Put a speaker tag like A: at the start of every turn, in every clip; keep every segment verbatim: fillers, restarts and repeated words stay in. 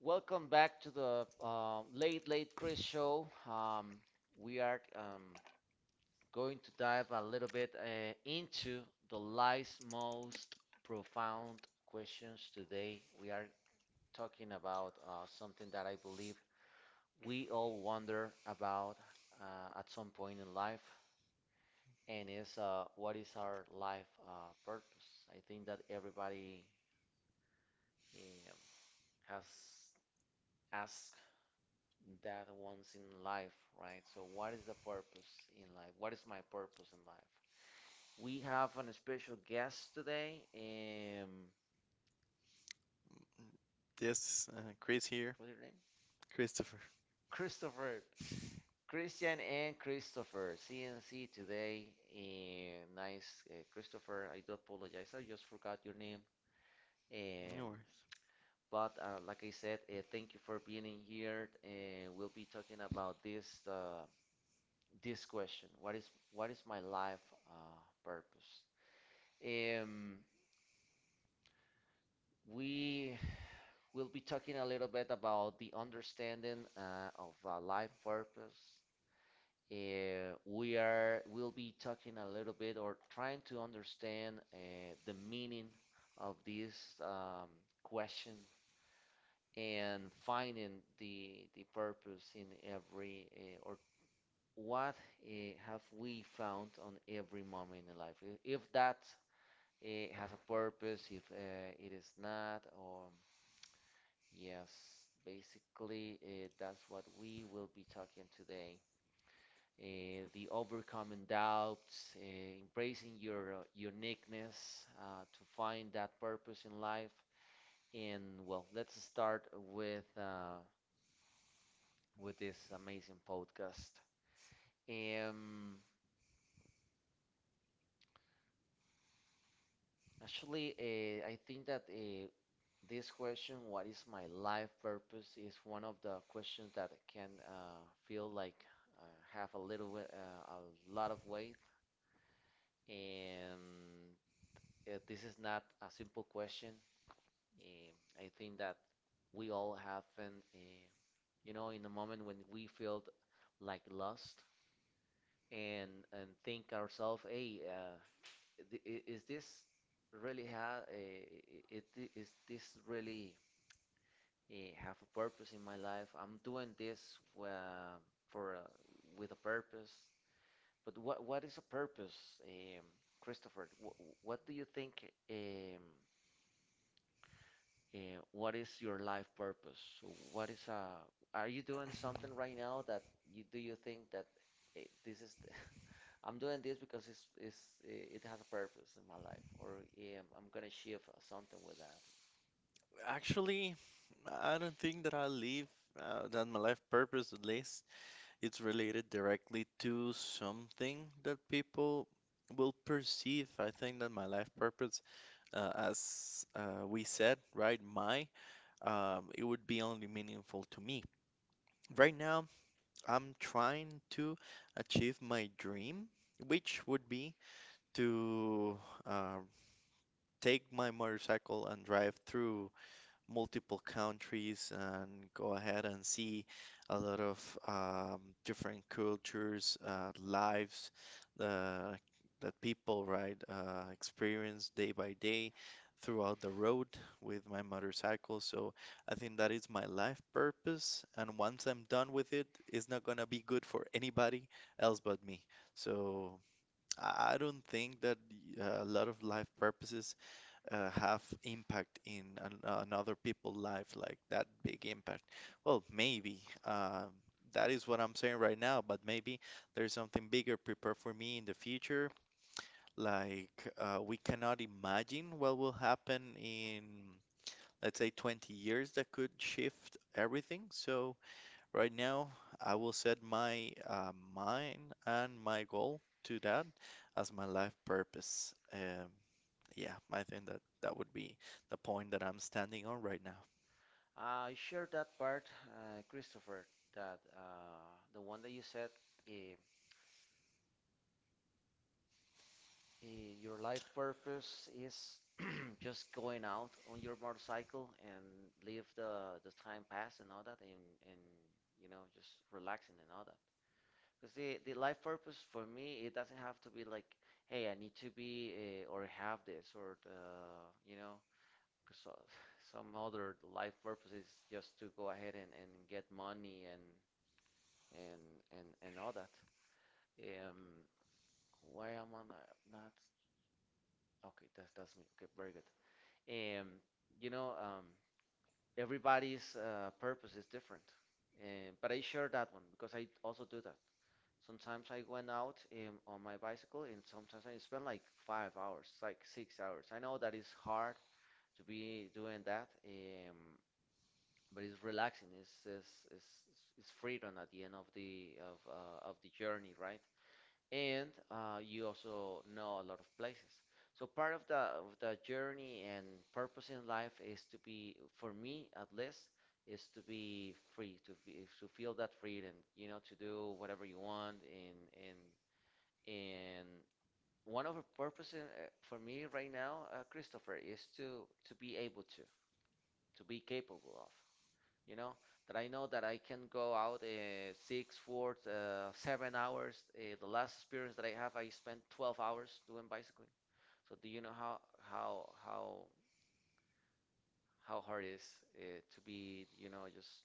A: welcome back to the uh, Late Late Chris Show. Um, we are um, going to dive a little bit uh, into the life's most profound questions today. We are talking about uh, something that I believe we all wonder about uh, at some point in life, and is uh, what is our life uh, purpose? I think that everybody um, has asked that once in life, right? So, what is the purpose in life? What is my purpose in life? We have an special guest today. Um,
B: This uh, Chris here,
A: what's your name?
B: Christopher.
A: Christopher. Christian and Christopher, C N C today. Eh, nice, uh, Christopher. I do apologize. I just forgot your name.
B: No
A: Um,
B: worries.
A: but uh, like I said, uh, thank you for being in here. Uh, we'll be talking about this uh, this question. What is what is my life uh, purpose? Um, we will be talking a little bit about the understanding uh, of uh, life purpose. Uh, we are will be talking a little bit or trying to understand uh, the meaning of this um, question and finding the the purpose in every uh, or what uh, have we found on every moment in life. I- If that uh, has a purpose, if uh, it is not, or yes, basically, uh, that's what we will be talking today. Uh, the overcoming doubts, uh, embracing your uh, uniqueness uh, to find that purpose in life. And well, let's start with uh, with this amazing podcast. Um, Actually, uh, I think that uh, this question, what is my life purpose, is one of the questions that can uh, feel like, uh, have a little we- uh, a lot of weight, and uh, this is not a simple question. Eh, I think that we all have been, eh, you know, in the moment when we feel like lost and and think ourselves, hey, uh, th- i- is this really ha- eh, i- i- i- is this really? Eh, have a purpose in my life. I'm doing this uh, for uh, with a purpose. But what what is a purpose, um, Christopher? What what do you think? Um, uh, what is your life purpose? So what is uh, are you doing something right now that you do you think that eh, this is the- I'm doing this because it's, it's eh, it has a purpose in my life, or um, I'm gonna achieve something with that.
B: Actually, I don't think that I live uh, that my life purpose, at least, it's related directly to something that people will perceive. I think that my life purpose, uh, as uh, we said, right, my, um, it would be only meaningful to me. Right now, I'm trying to achieve my dream, which would be to um, take my motorcycle and drive through multiple countries and go ahead and see a lot of um, different cultures, uh, lives uh, that people right uh, experience day by day throughout the road with my motorcycle. So I think that is my life purpose. And once I'm done with it, it's not gonna be good for anybody else but me. So I I don't think that y- uh, a lot of life purposes uh, have impact in an, another people's life, like that big impact. Well, maybe uh, that is what I'm saying right now, but maybe there's something bigger prepared for me in the future. Like uh, we cannot imagine what will happen in, let's say, twenty years that could shift everything. So right now, I will set my uh, mind and my goal to that as my life purpose. Um, yeah, I think that that would be the point that I'm standing on right now.
A: Uh, I share that part, uh, Christopher, that uh, the one that you said, eh, eh, your life purpose is just going out on your motorcycle and leave the, the time pass and all that, and, and you know, just relaxing and all that. Because the, the life purpose for me, it doesn't have to be like, hey, I need to be, uh, or have this or, uh, you know, because some other life purpose is just to go ahead and, and get money and and and and all that. Um, why am I not, not? Okay, that's that's me. Okay, very good. Um, you know, um, everybody's uh, purpose is different, um, but I share that one because I also do that. Sometimes I went out um, on my bicycle, and sometimes I spend like five hours, like six hours. I know that it's hard to be doing that, um, but it's relaxing. It's it's, it's it's it's freedom at the end of the of uh, of the journey, right? And uh, you also know a lot of places. So part of the of the journey and purpose in life is to be, for me at least, is to be free, to be, to feel that freedom, you know, to do whatever you want. And and and one of the purposes uh, for me right now, uh, Christopher, is to to be able to to be capable of, you know, that I know that I can go out uh, six, four, uh, seven hours. Uh, the last experience that I have, I spent twelve hours doing bicycling. So do you know how how how how hard it is uh, to be, you know, just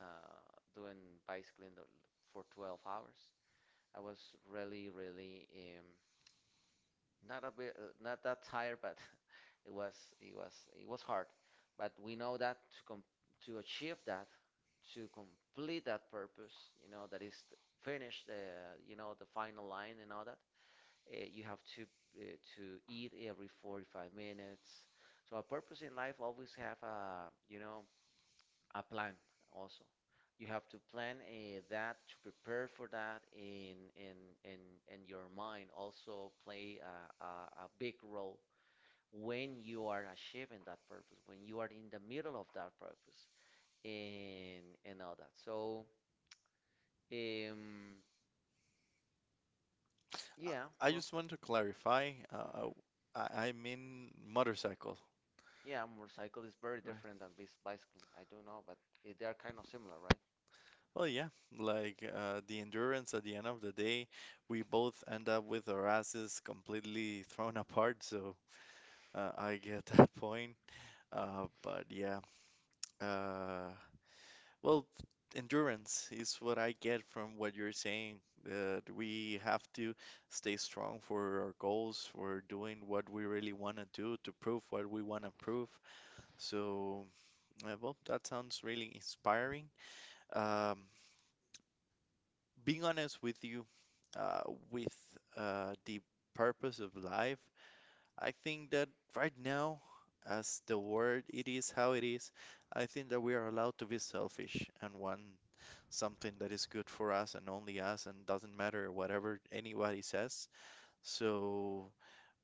A: uh, doing bicycling the- for twelve hours? I was really, really, um, not a bit, uh, not that tired, but it was it was it was hard. But we know that to com to achieve that, to complete that purpose, you know, that is finish the, you know, the final line and all that, uh, you have to uh, to eat every forty-five minutes. So a purpose in life always have a, you know, a plan also. You have to plan, uh, that, to prepare for that in in in in your mind also play a, a, a big role when you are achieving that purpose, when you are in the middle of that purpose and and all that. So um
B: I,
A: yeah,
B: I
A: well,
B: just want to clarify, uh,
A: hmm
B: uh, I, I mean motorcycle,
A: yeah, motorcycle is very
B: right?
A: different than bis- bicycle. I do know, but eh, they are kind of similar, right?
B: this Well, yeah, like uh, the endurance at the end of the day, we both end up with our asses completely thrown apart, so uh, I get that point. Uh, but yeah. Uh, well, endurance is what I get from what you're saying. That we have to stay strong for our goals, for doing what we really want to do, to prove what we want to prove. So, uh, well, that sounds really inspiring. Um, Being honest with you, uh, with uh, the purpose of life, I think that right now, as the world it is how it is, I think that we are allowed to be selfish and want something that is good for us and only us and doesn't matter whatever anybody says. So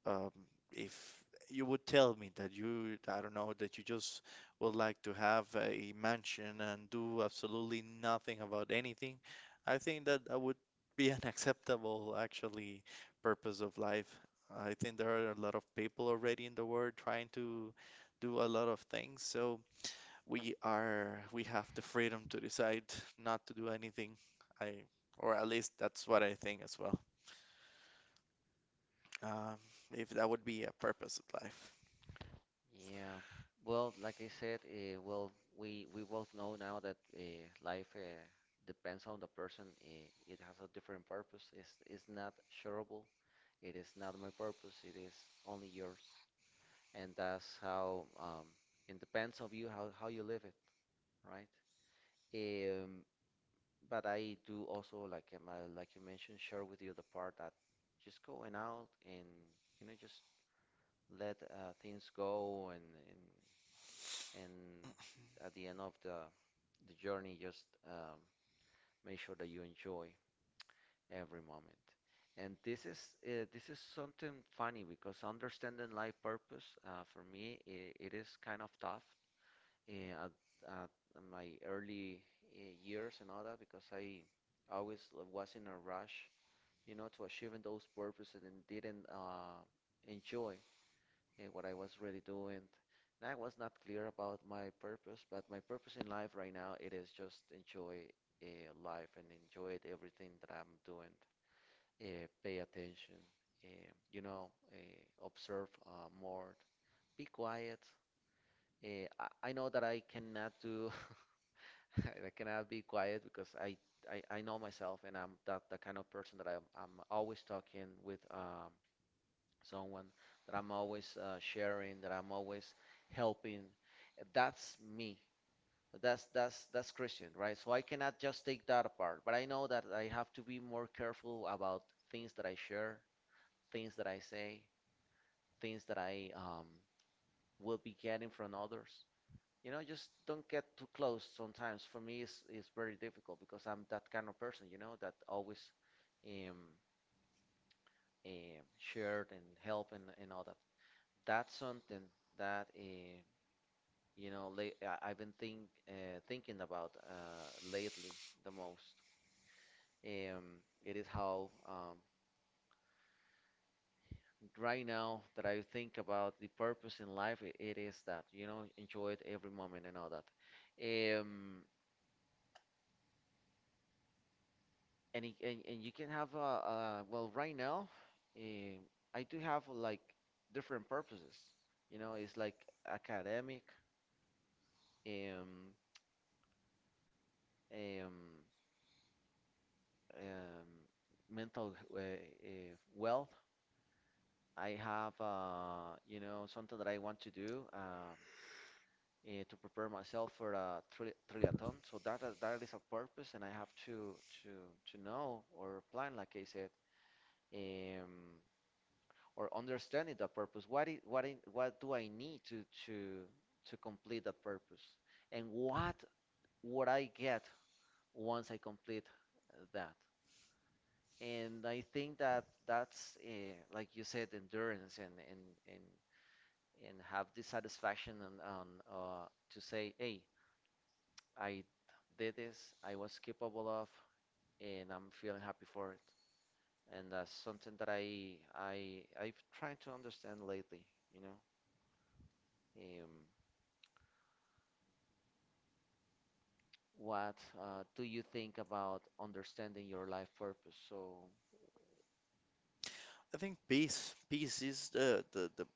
B: um, if you would tell me that you, I don't know, that you just would like to have a mansion and do absolutely nothing about anything, I think that that would be an acceptable actually purpose of life. I think there are a lot of people already in the world trying to do a lot of things. So we are we have the freedom to decide not to do anything. I, or at least that's what I think as well. Um, if that would be a purpose of life.
A: Yeah. Well, like I said, uh, well, we we both know now that uh, life uh, depends on the person. Uh, it has a different purpose. It's it's not shareable. It is not my purpose. It is only yours. And that's how, um, it depends on you how how you live it, right? Um, but I do also like, um, uh, like you mentioned, share with you the part that just going out and, you know, just let uh, things go and and and at the end of the the journey, just um, make sure that you enjoy every moment. And this is uh, this is something funny because understanding life purpose uh, for me it, it is kind of tough uh, at, at my early uh, years and all that because I always was in a rush, you know, to achieving those purposes and didn't uh, enjoy eh, what I was really doing. And I was not clear about my purpose, but my purpose in life right now it is just enjoy uh, life and enjoy everything that I'm doing. Uh, pay attention, uh, you know, uh, observe uh, more, be quiet. Uh, I, I know that I cannot do, I cannot be quiet because I, I, I know myself and I'm that the kind of person that I'm, I'm always talking with. Um, someone that I'm always uh, sharing, that I'm always helping. That's me. That's that's that's Christian, right? So I cannot just take that apart, but I know that I have to be more careful about things that I share, things that I say, things that I um, will be getting from others. You know, just don't get too close sometimes. For me, it's, it's very difficult because I'm that kind of person, you know, that always, um, um, shared and help and, and all that. That's something that, uh, you know, late, I've been think uh, thinking about, uh, lately the most. Um, it is how, um, right now, that I think about the purpose in life. It, it is that, you know, enjoy it every moment and all that. Um, and, it- and and you can have, uh, uh, well, right now, um I do have like different purposes. You know, it's like academic. Um, um, um, Mental, uh, uh, wealth. I have, uh, you know, something that I want to do, um, eh, to prepare myself for a tri triathlon. So that is- that is a purpose, and I have to to to know or plan, like I said, um, or understanding that purpose. What is, what I, what do I need to to to complete that purpose, and what would I get once I complete that? And I think that that's, uh, like you said, endurance, and and and and have the satisfaction on, on, uh, to say, hey, I did this, I was capable of, and I'm feeling happy for it. And that's something that I I I've tried to understand lately, you know. Um, what, uh, do you think about understanding your life purpose? So,
B: I think peace, peace is the, the, the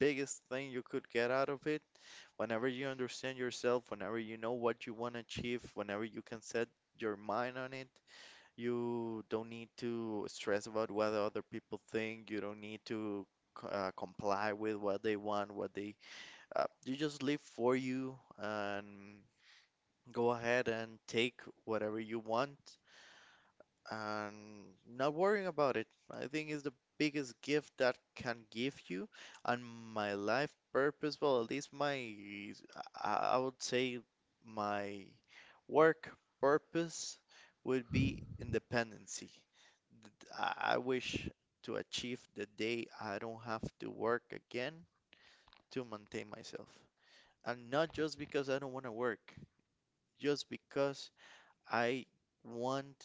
B: biggest thing you could get out of it. Whenever you understand yourself, whenever you know what you want to achieve, whenever you can set your mind on it, you don't need to stress about what other people think. You don't need to uh, comply with what they want, what they uh, you just live for you and go ahead and take whatever you want and not worrying about it. I think is the biggest gift that can give you. And my life purpose, well, at least my, I I would say my work purpose would be independency. Th- I I wish to achieve the day I don't have to work again to maintain myself. And not just because I don't want to work, just because I want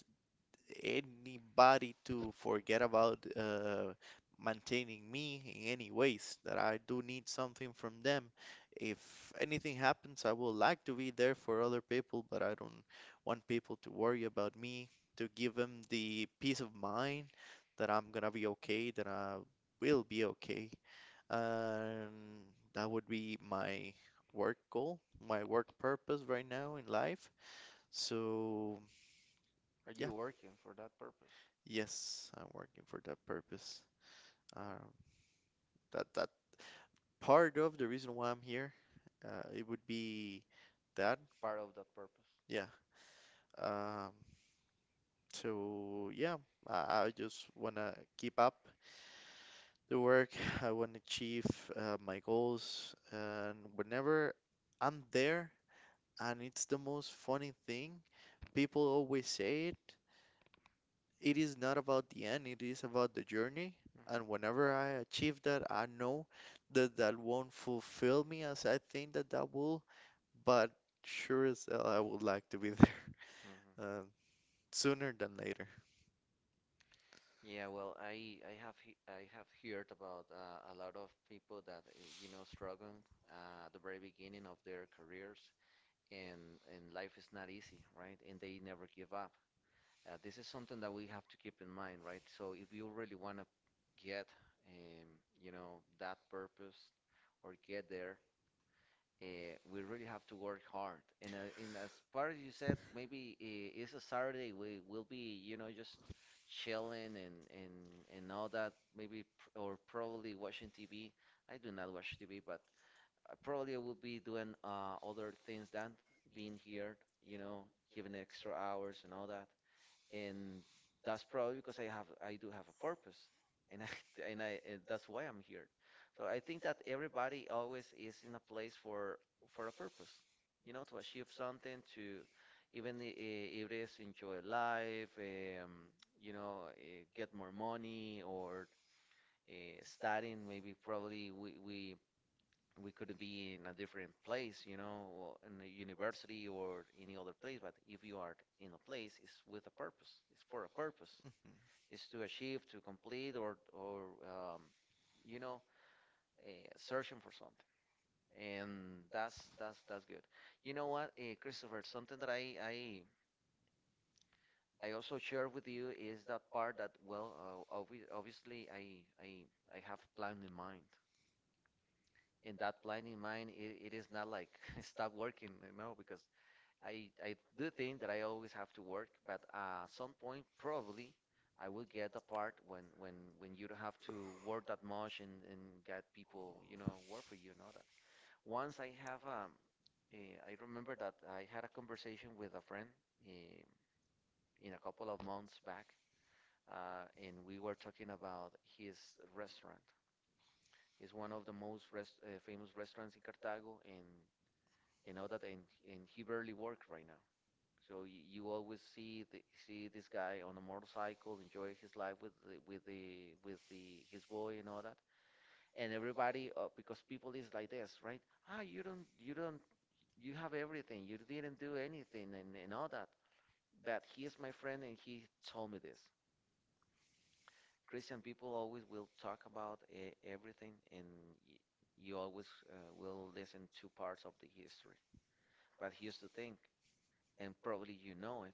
B: anybody to forget about uh, maintaining me in any ways, that I do need something from them. If anything happens, I would like to be there for other people, but I don't want people to worry about me, to give them the peace of mind that I'm gonna be okay, that I will be okay. And that would be my work goal, my work purpose right now in life. So,
A: are
B: yeah,
A: you working for that purpose?
B: yes, I'm working for that purpose. Um, that that part of the reason why I'm here, uh, it would be that,
A: Part of that purpose?
B: yeah. Um, so yeah, I, I just wanna keep up the work. I wanna achieve uh, my goals, and whenever I'm there, and it's the most funny thing, people always say it, it is not about the end, it is about the journey. And whenever I
A: Mhm.
B: achieve that, I know that that won't fulfill me as I think that that will, but sure as hell I would like to be there
A: Mhm.
B: uh, sooner than later.
A: Yeah, well, I I have he I have heard about, uh, a lot of people that, uh, you know, struggle uh, at the very beginning of their careers, and and life is not easy, right? And they never give up. Uh, this is something that we have to keep in mind, right? So if you really want to get, um, you know, that purpose or get there. uh, we really have to work hard. And, uh, and as far as you said, maybe uh, it's a Saturday. We will be, you know, just chilling and and and all that. Maybe pr- or probably watching T V. I do not watch T V, but I probably will be doing uh, other things than being here. You know, giving extra hours and all that and that's probably because I have I do have a purpose, and I and I and that's why I'm here. So I think that everybody always is in a place for for a purpose, you know, to achieve something, to even i- i- if it is enjoy life, um, you know, uh, get more money or uh, studying. Maybe probably we we we could be in a different place, you know, or in a university or any other place. But if you are in a place, it's with a purpose. It's for a purpose.
B: Mhm.
A: It's to achieve, to complete, or or um, you know, uh, searching for something. And that's that's that's good. You know what, uh, Christopher? Something that I I I also share with you is that part that well, uh, obvi obviously I I I have a plan in mind. And that plan in mind, it, it is not like stop working, you know, because I I do think that I always have to work, but uh, at some point probably I will get the part when when when you don't have to work that much and and get people you know work for you, know that. Once I have um, eh, I remember that I had a conversation with a friend eh, in a couple of months back, uh, and we were talking about his restaurant. It's one of the most rest, uh, famous restaurants in Cartago, and you know that, and and he barely works right now. So you, you always see the, see this guy on a motorcycle, enjoy his life with the, with the with the his boy and all that, and everybody uh, because people is like this, right? Ah, you don't you don't you have everything, you didn't do anything and, and all that. But he is my friend and he told me this. Christian people always will talk about uh, everything, and y you always uh, will listen to parts of the history. But here's the thing, and probably you know it.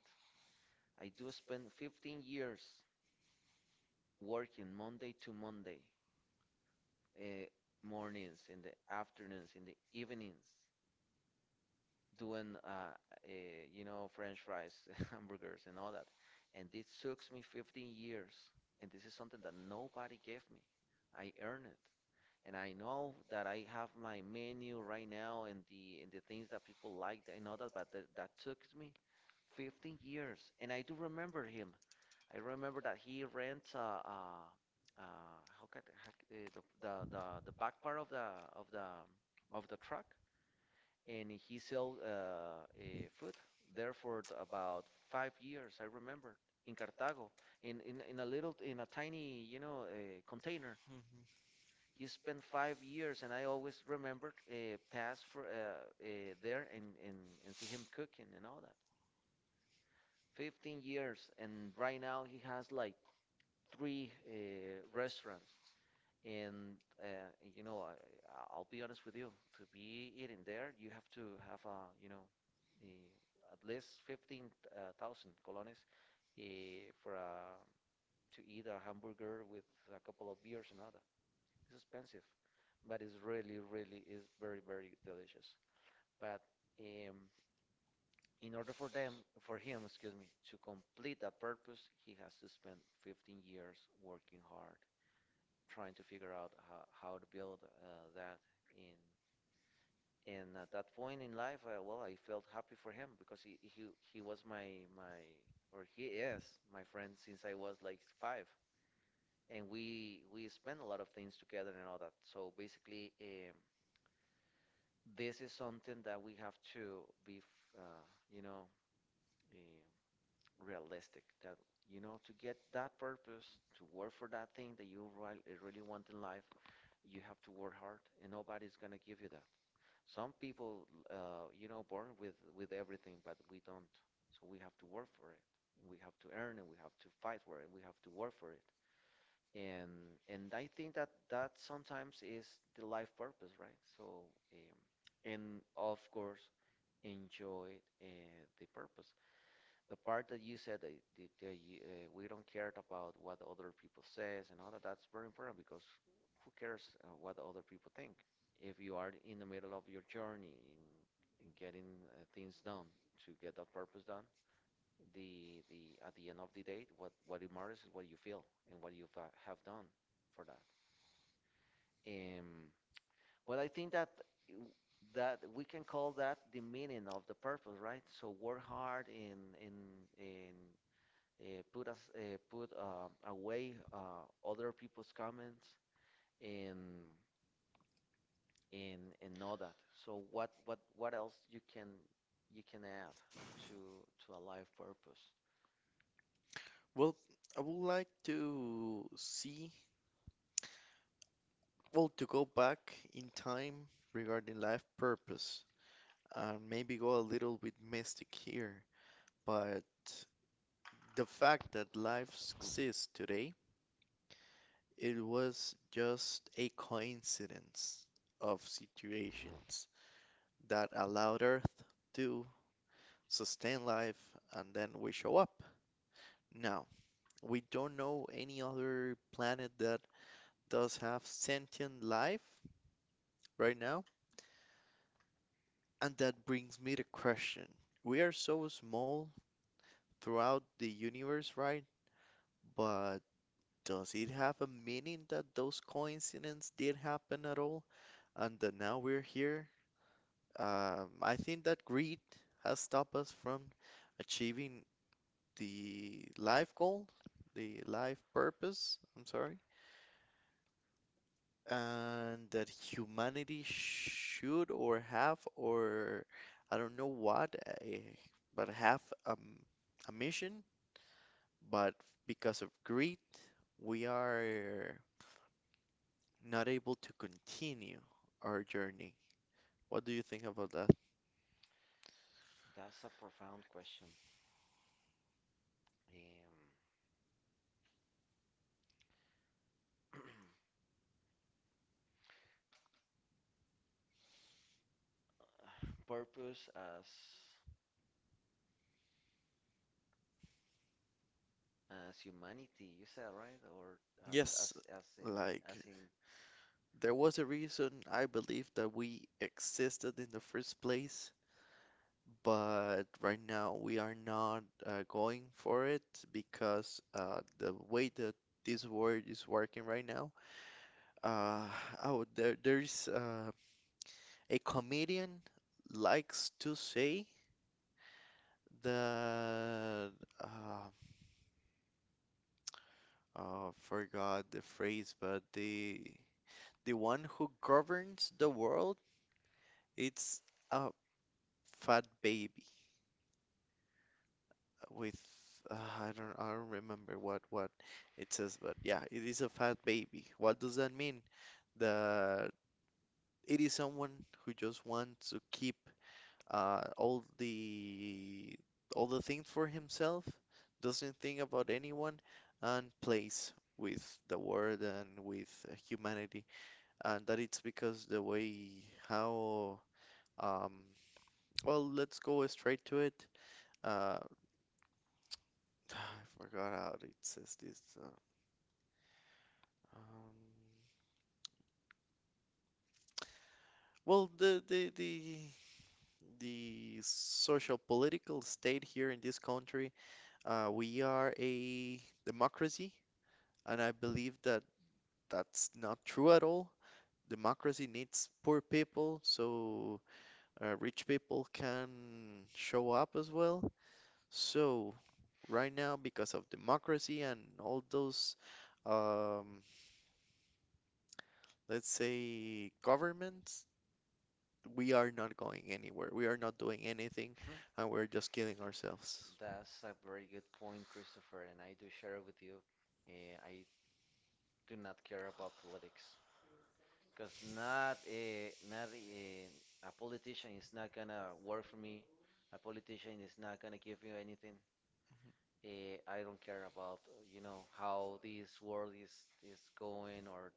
A: I do spend fifteen years working Monday to Monday, uh, mornings, in the afternoons, in the evenings, doing uh, uh, you know French fries, hamburgers, and all that. And this took me fifteen years, and this is something that nobody gave me. I earned it, and I know that I have my menu right now and the and the things that people liked and all that, but that, that took me fifteen years. And I do remember him. I remember that he rents a, a, a how can, how, c- uh, the, the the the back part of the of the of the truck, and he sell uh, uh, food there for t- about five years. I remember in Cartago, in in, in a little in a tiny you know uh, container.
B: Mhm.
A: He spent five years, and I always remembered uh, pass for uh, uh, there and, and and see him cooking and all that. fifteen years, and right now he has like three uh, restaurants. And uh, you know, I, I- will be honest with you. To be eating there, you have to have uh, you know, eh, at least fifteen thousand colones uh, for uh, to eat a hamburger with a couple of beers and other. It's expensive, but it's really, really is very, very delicious. But um, in order for them, for him, excuse me, to complete that purpose, he has to spend fifteen years working hard trying to figure out how, how to build uh, that in and at that point in life uh, well, I felt happy for him because he, he he was my my or he is my friend since I was like five, and we we spent a lot of things together and all that. So basically um, this is something that we have to be uh, you know um, realistic that you know to get that purpose, to work for that thing that you really, really want in life, you have to work hard and nobody's gonna give you that. Some people uh, you know born with with everything, but we don't. So we have to work for it, we have to earn it, we have to fight for it, we have to work for it. And and I think that that sometimes is the life purpose, right? So um, and of course enjoy uh, the purpose, the part that you said that, that, that you, uh, we don't care about what other people says and all that. That's very important because who cares uh, what other people think if you are in the middle of your journey in, in getting uh, things done, to get that purpose done. The the At the end of the day, what what it matters is what you feel and what you fa- have done for that. um but I think that w- that we can call that the meaning of the purpose, right? So work hard in in in uh, put us uh, put uh, away uh, other people's comments and and and know that. So what what what else you can you can add to to a life purpose?
B: Well, I would like to see, well, to go back in time regarding life purpose and maybe go a little bit mystic here, but the fact that life exists today, it was just a coincidence of situations that allowed Earth to sustain life and then we show up. Now, we don't know any other planet that does have sentient life right now, and that brings me to question. We are so small throughout the universe, right? But does it have a meaning that those coincidences did happen at all and that now we're here? Um, I think that greed has stopped us from achieving the life goal, the life purpose, I'm sorry, and that humanity should or have or I don't know what, eh, but have um, a mission, but because of greed, we are not able to continue our journey. What do you think about that?
A: That's a profound question. Um, purpose as as humanity, you said, right? Or as as
B: Yes,
A: as in as
B: like
A: in.
B: there was a reason I believe that we existed in the first place, but right now we are not uh, going for it because uh, the way that this world is working right now, uh, oh, there, there's uh, a comedian likes to say that uh, uh, forgot the phrase, but the the one who governs the world, it's a fat baby. With uh, I don't, I don't remember what what it says, but yeah, it is a fat baby. What does that mean? That it is someone who just wants to keep uh, all the, all the things for himself, doesn't think about anyone, and plays with the world and with uh, humanity. And that it's because the way how, um well, let's go straight to it. Uh, I forgot how it says this. Uh, Um, well, the, the the the social political state here in this country, uh, we are a democracy, and I believe that that's not true at all. Democracy needs poor people, so uh, rich people can show up as well. So right now, because of democracy and all those, um, let's say, governments, we are not going anywhere. We are not doing anything, and we're just killing ourselves.
A: That's a very good point, Christopher, and I do share it with you. Uh, I do not care about politics, because not a not a, a politician is not gonna work for me. A politician is not gonna give you anything. Uh, I don't care about uh, you know how this world is is going, or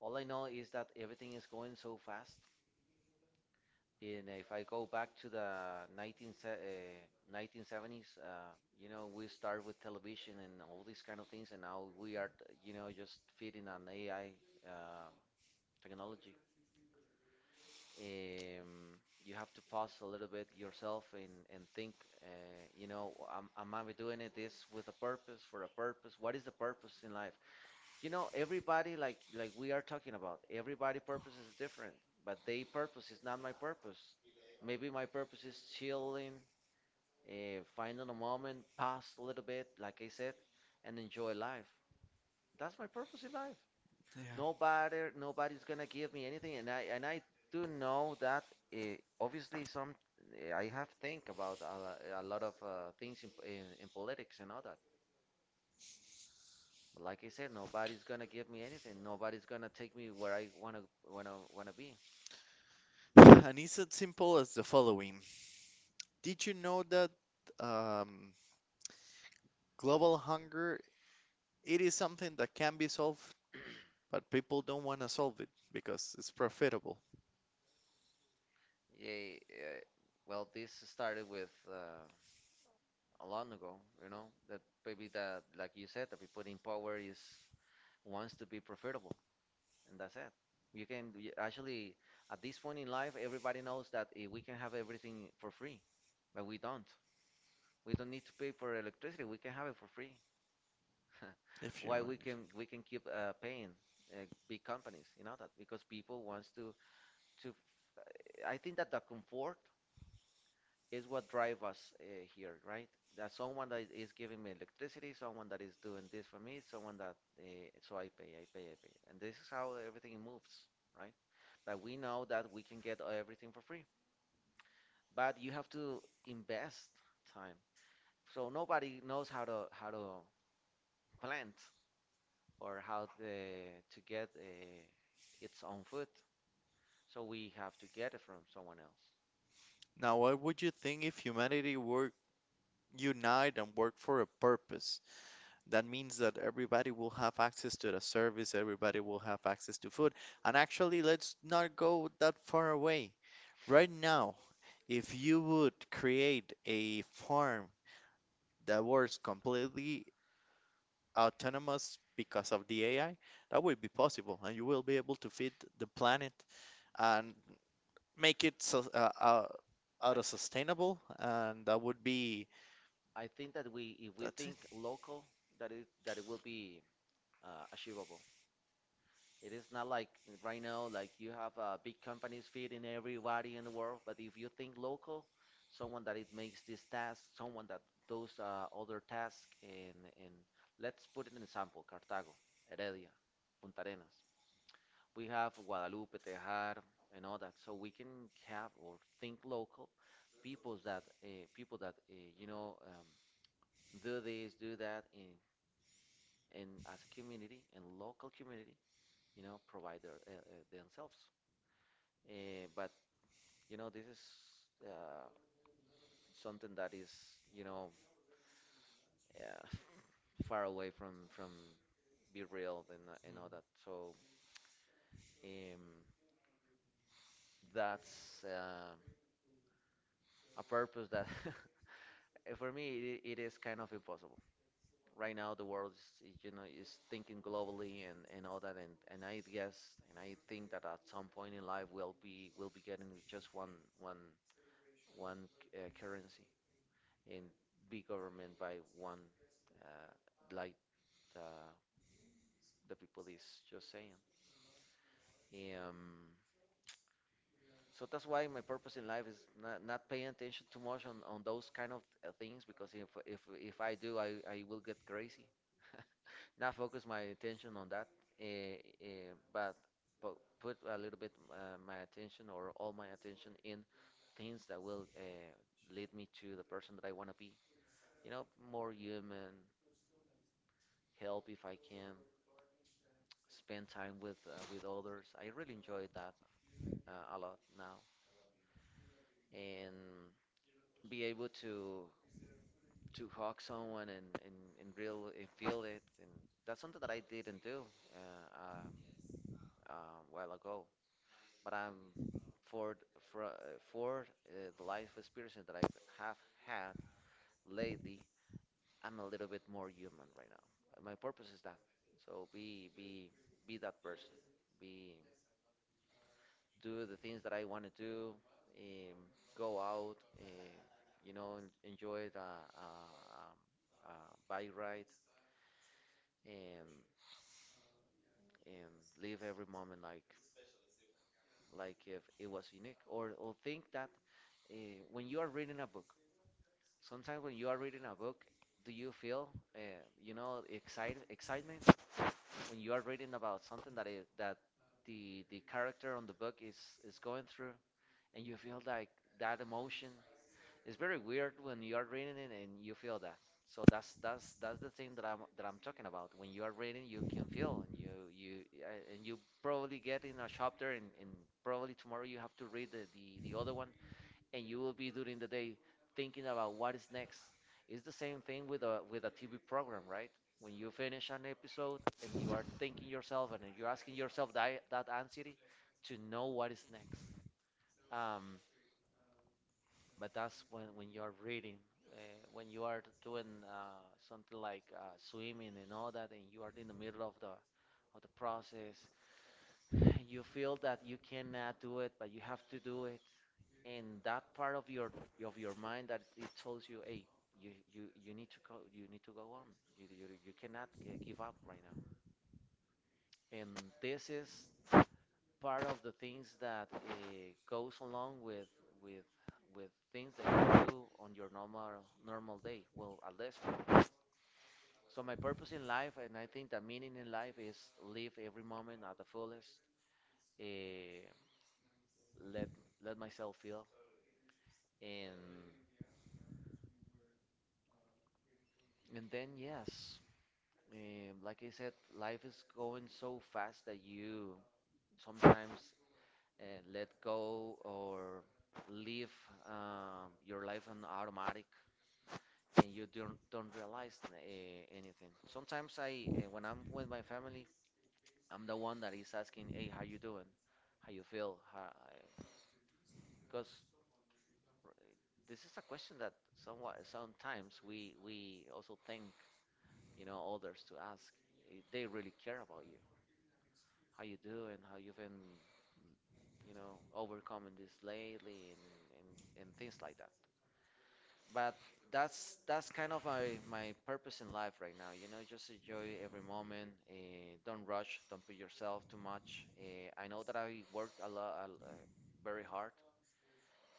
A: all I know is that everything is going so fast. And if I go back to the 19, se- uh, nineteen seventies, uh, you know, we start with television and all these kind of things, and now we are, t- you know, just feeding on A I uh, technology. um, you have to pause a little bit yourself and, and think, uh, you know, am, am I doing it this with a purpose, for a purpose? What is the purpose in life? You know, everybody, like, like we are talking about, everybody purpose is different, but they purpose is not my purpose. Maybe my purpose is chilling, uh, finding a moment, pause a little bit, like I said, and enjoy life. That's my purpose in life. Nobody, nobody's gonna give me anything, and I and I do know that uh, obviously some eh, I have think about a, lo- a lot of uh, things in, in in politics and all that. But like I said, nobody's gonna give me anything. Nobody's gonna take me where I wanna wanna wanna be.
B: And it's as simple as the following. Did you know that um, global hunger, it is something that can be solved, but people don't want to solve it because it's profitable,
A: Yeah, uh, well, this started with uh, a long ago, you know, that maybe that, like you said, the people in power is wants to be profitable, and that's it. You can you- actually, at this point in life, everybody knows that eh, we can have everything for free, but we don't. We don't need to pay for electricity. We can have it for free.
B: if you
A: Why we
B: want.
A: can we can keep uh, paying uh, big companies, you know that, because people wants to to. f- I think that the comfort is what drive us uh, here, right? That someone that is giving me electricity, someone that is doing this for me, someone that uh, so I pay, I pay, I pay, and this is how everything moves, right? Like we know that we can get everything for free, but you have to invest time. So nobody knows how to how to plant, or how the, to get uh, its own food. So we have to get it from someone else.
B: Now, what would you think if humanity were unite and work for a purpose? That means that everybody will have access to the service, everybody will have access to food. And actually, let's not go that far away. Right now, if you would create a farm that works completely autonomous because of the A I, that would be possible, and you will be able to feed the planet and make it sus- uh, uh,
A: I,
B: auto sustainable, and that would be
A: I think that we if we
B: that's it.
A: think local, that it that it will be uh, achievable. It is not like right now, like you have uh, big companies feeding everybody in the world. But if you think local, someone that it makes this task, someone that does uh, other task, and and let's put an example: Cartago, Heredia, Punta Arenas. We have Guadalupe, Tejar, and all that. So we can have or think local, people that uh, people that uh, you know um, do this, do that, in and as a community and local community, you know, provide their, uh, uh, themselves. Uh, but you know, this is uh, something that is you know uh, far away from from be real and uh, and all that. So um, that's uh, a purpose that for me it, it is kind of impossible. Right now, the world is is, you know is thinking globally and, and all that, and, and I guess and I think that at some point in life we'll be we'll be getting just one one one uh, currency and be government by one, uh, like uh, the people is just saying. Um, so that's why my purpose in life is not, not paying attention too much on, on those kind of uh, things because if if if I do, I, I will get crazy. Not focus my attention on that, eh, eh, but but put a little bit uh, my attention or all my attention in things that will uh, lead me to the person that I want to be. You know, more human, help if I can, spend time with uh, with others. I really enjoy that uh, a lot now, and be able to to hug someone and and, and real and feel it, and that's something that I didn't do uh, uh, a while ago. But I'm for th- for uh, for uh, the life experience that I have had lately. I'm a little bit more human right now. My purpose is that. So be be be that person. Be Do the things that I want to do, um, go out, uh, you know, en- enjoy the uh, um, uh, bike ride, and and live every moment like like if it was unique. Or or think that uh, when you are reading a book, sometimes when you are reading a book, do you feel uh, you know excite excitement when you are reading about something that is that the the character on the book is is going through, and you feel like that emotion. It's very weird when you are reading it and you feel that. So that's that's that's the thing that I'm that I'm talking about. When you are reading, you can feel and you you uh, and you probably get in a chapter, and, and probably tomorrow you have to read the, the the other one, and you will be during the day thinking about what is next. It's the same thing with a with a T V program, right? When you finish an episode and you are thinking yourself and you're asking yourself that that anxiety to know what is next. Um, but that's when, when you are reading, uh, when you are doing uh, something like uh, swimming and all that, and you are in the middle of the of the process, you feel that you cannot do it, but you have to do it. And that part of your of your mind that it tells you, hey, you you, you need to go, you need to go on. You you, you cannot uh, give up right now. And this is part of the things that uh, goes along with with with things that you do on your normal normal day. Well, at least for me. So my purpose in life, and I think the meaning in life is live every moment at the fullest. Uh, let let myself feel, and and then yes, eh, like I said, life is going so fast that you sometimes uh, let go or live um, your life on automatic, and you don't don't realize uh, anything. Sometimes I, uh, when I'm with my family, I'm the one that is asking, "Hey, how you doing? How you feel?" Because this is a question that somewhat sometimes we we also think, you know, others to ask. If they really care about you. How you doing? How you've been, you know, overcoming this lately, and and, and things like that. But that's that's kind of my my purpose in life right now, you know, just enjoy every moment. Uh, don't rush, don't put yourself too much. uh, I know that I worked a lot, uh, very hard.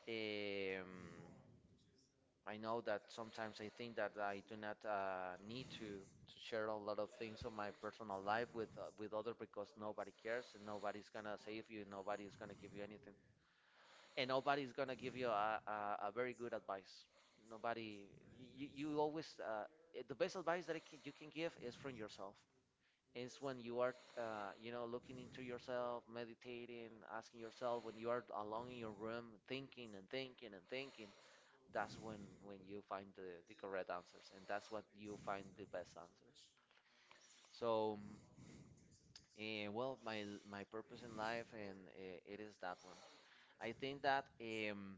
A: um, I know that sometimes I think that I do not uh, need to to share a lot of things of my personal life with uh, with other because nobody cares, and nobody's gonna save you, nobody's gonna give you anything, and nobody's gonna give you a, a, a very good advice. Nobody, you, you always, uh, eh, the best advice that I can, you can give is from yourself. It's when you are, uh, you know, looking into yourself, meditating, asking yourself, when you are alone in your room, thinking and thinking and thinking, that's when, when you find the, the correct answers, and that's what you find the best answers. So, uh, well, my, my purpose in life, and uh, it is that one. I think that. Um,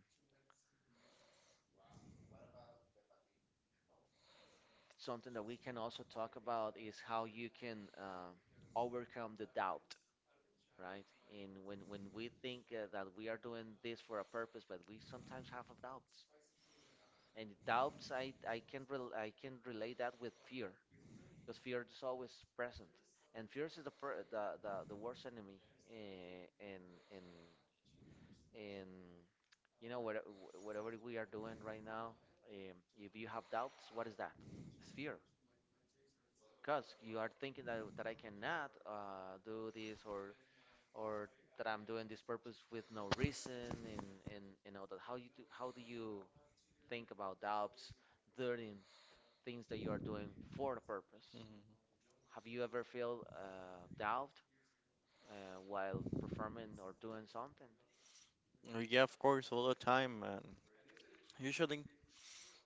A: Something that we can also talk about is how you can uh, overcome the doubt, right, and when when we think uh, that we are doing this for a purpose but we sometimes have of doubts, and doubts i i can rel I can relate that with fear, because fear is always present, and fear is the per- the, the the worst enemy, eh, in in in you know what, whatever we are doing right now. Um, if you have doubts, what is that? It's fear, because you are thinking that, that I cannot uh, do this or or that I'm doing this purpose with no reason, and and and all that. How you do, how do you think about doubts during things that you are doing for a purpose?
B: Mm.
A: Have you ever felt uh, doubt uh, while performing or doing something?
B: Mhm. Yeah, of course, all the time, man. Usually,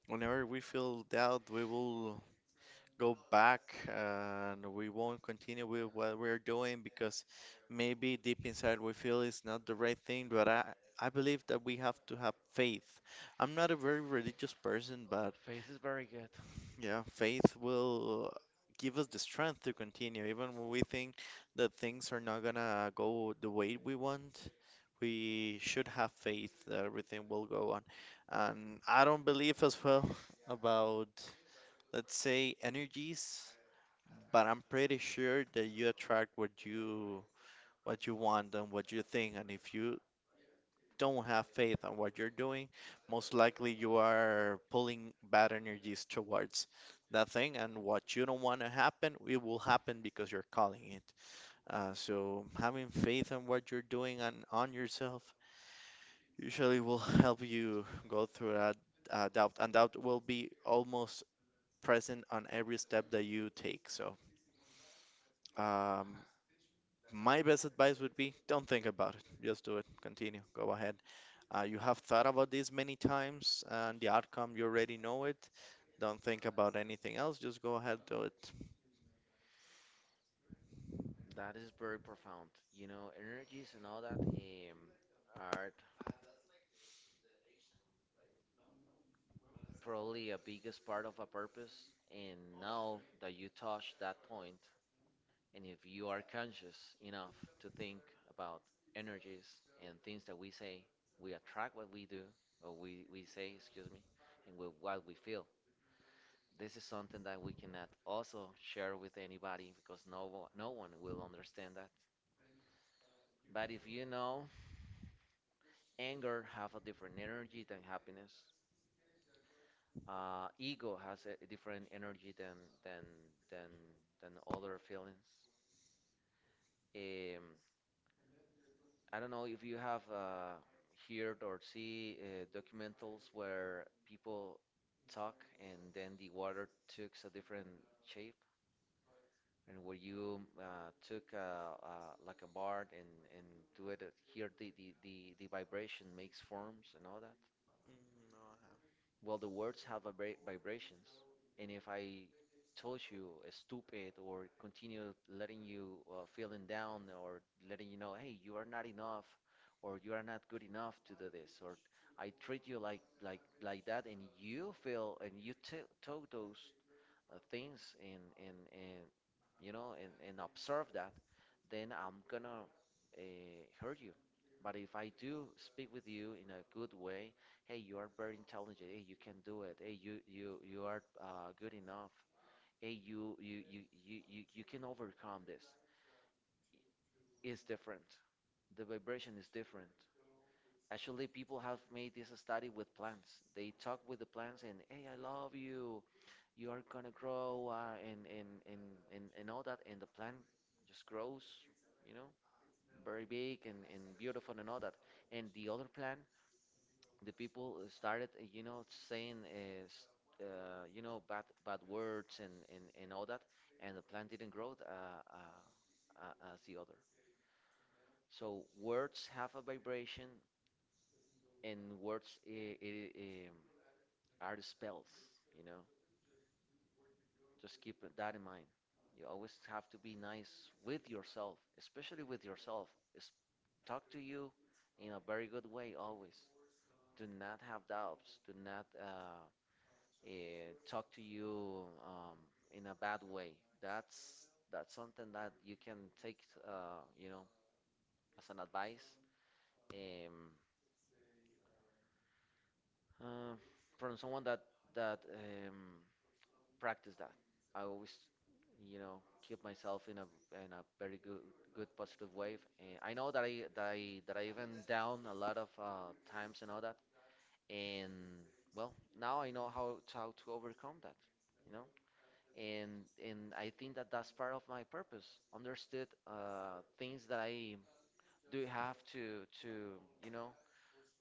B: whenever we feel doubt, we will go back and we won't continue with what we're doing because maybe deep inside we feel it's not the right thing. But I, I believe that we have to have faith. I'm not a very religious person, but
A: Faith is very good.
B: yeah, faith will give us the strength to continue, even when we think that things are not gonna go the way we want, we should have faith that everything will go on. And I don't believe as well about, let's say, energies, but I'm pretty sure that you attract what you what you want and what you think. And if you don't have faith on what you're doing, most likely you are pulling bad energies towards that thing, and what you don't want to happen, it will happen because you're calling it. Uh, so having faith in what you're doing and on yourself usually will help you go through that uh, doubt, and doubt will be almost present on every step that you take. So, um, my best advice would be don't think about it. Just do it. Continue. Go ahead. Uh, you have thought about this many times, and the outcome, you already know it. Don't think about anything else. Just go ahead, do it.
A: That is very profound. You know, energies and all that um, are probably a biggest part of a purpose. And now that you touch that point, and if you are conscious enough to think about energies and things that we say, we attract what we do, or we, we say, excuse me, and with what we feel. This is something that we cannot also share with anybody because no, one- no one will understand that. But if you know, anger have a different energy than happiness. Uh, ego has a different energy than than than than other feelings. Um, I don't know if you have uh, heard or see uh, documentals where people talk and then the water takes a different shape, and where you uh, took uh, uh, like a bar and and do it uh, here, the, the the the vibration makes forms and all that.
B: Mm, no, I have.
A: Well, the words have vibra- vibrations, and if I told you uh, stupid or continue letting you uh, feeling down or letting you know, hey, you are not enough, or you are not good enough to do this, or I treat you like like like that, and you feel and you t- took those uh, things and and and you know and and observe that, then I'm gonna uh, hurt you. But if I do speak with you in a good way, hey, you are very intelligent. Hey, you can do it. Hey, you you you are uh, good enough. Hey, you you you you you you can overcome this. It's different. The vibration is different. Actually, people have made this study with plants. They talk with the plants and, hey, I love you. You are gonna grow uh, and, and, and, and, and all that. And the plant just grows, you know, very big, and, and beautiful and all that. And the other plant, the people started, uh, you know, saying, uh, s- uh, you know, bad, bad words and, and, and all that. And the plant didn't grow uh, uh, uh, as the other. So words have a vibration, and words it, are the spells, you know. Just keep that in mind. You always have to be nice with yourself, especially with yourself. It's- talk to you in a very good way always. Do not have doubts. Do not uh, eh, talk to you um, in a bad way. That's that's something that you can take, uh, you know, as an advice, um, uh, from someone that that um, practice that. I always, you know, keep myself in a in a very good good positive wave. And I know that I that I that I even down a lot of uh, times and all that. And well, now I know how to, how to overcome that. You know, and and I think that that's part of my purpose. Understood uh, things that I do have to to you know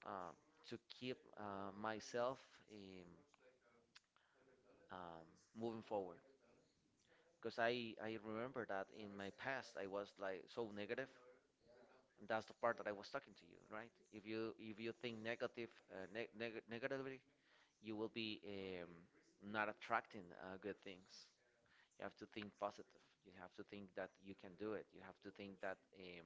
A: uh, to keep uh, myself um, um, moving forward. Because I, I remember that in my past I was like so negative, and that's the part that I was talking to you, right? If you if you think negative uh, neg neg negatively, you will be um, not attracting uh, good things. You have to think positive. You have to think that you can do it. You have to think that um,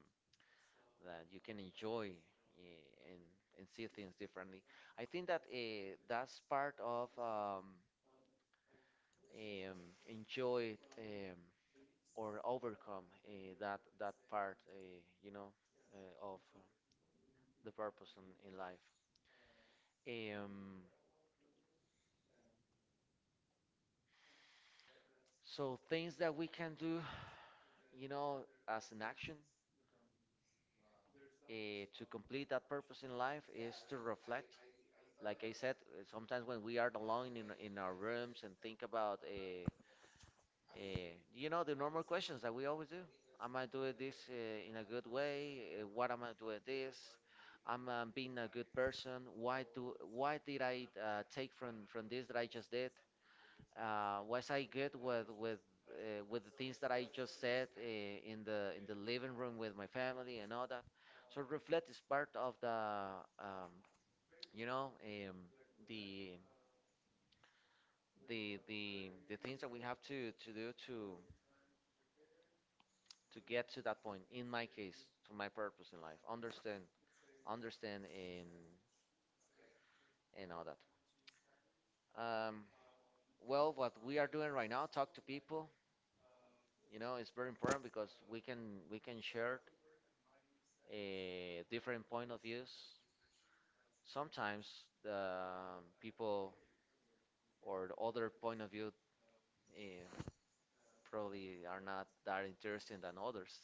A: that you can enjoy eh, and and see things differently. I think that uh, that's part of um, um, enjoy um, or overcome uh, that that part, uh, you know, uh, of uh, the purpose in, in life. Um, so things that we can do, you know, as an action uh, to complete that purpose in life is to reflect. Like I said, uh, sometimes when we are alone in, in our rooms and think about uh, Uh, you know, the normal questions that we always do. Am I doing this uh, in a good way? Uh, what am I doing this? Am I being a good person? Why do? Why did I uh, take from from this that I just did? Uh, was I good with with uh, with the things that I just said uh, in the in the living room with my family and all that? So reflect is part of the um, you know, um, the the the the things that we have to to do to to get to that point, in my case to my purpose in life, understand understand in, and all that. um, well, what we are doing right now, talk to people, you know, it's very important because we can we can share a different point of views. Sometimes the um, people or the other point of view, eh, probably are not that interesting than others.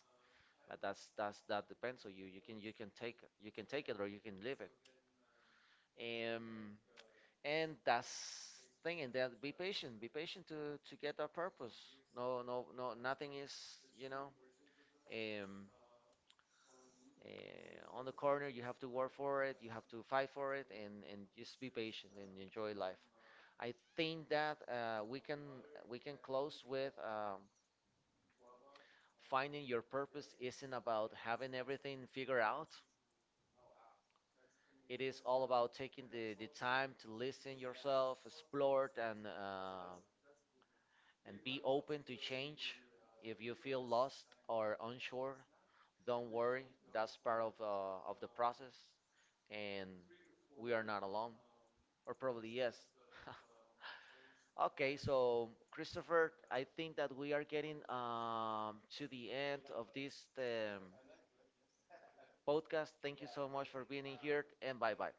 A: But that's that's that depends on you. You can you can take you can take it or you can leave it. um and that's thing. And that, be patient, be patient to to get our purpose. no no no Nothing is, you know, um uh, on the corner. You have to work for it, you have to fight for it, and and just be patient and enjoy life. I think that uh, we can we can close with, um, finding your purpose isn't about having everything figured out. It is all about taking the, the time to listen yourself, explore, and uh, and be open to change. If you feel lost or unsure, don't worry. That's part of, uh, of the process, and we are not alone. Or probably yes. Okay, so Christopher, I think that we are getting um, to the end of this um, podcast. Thank you so much for being in here, and bye bye.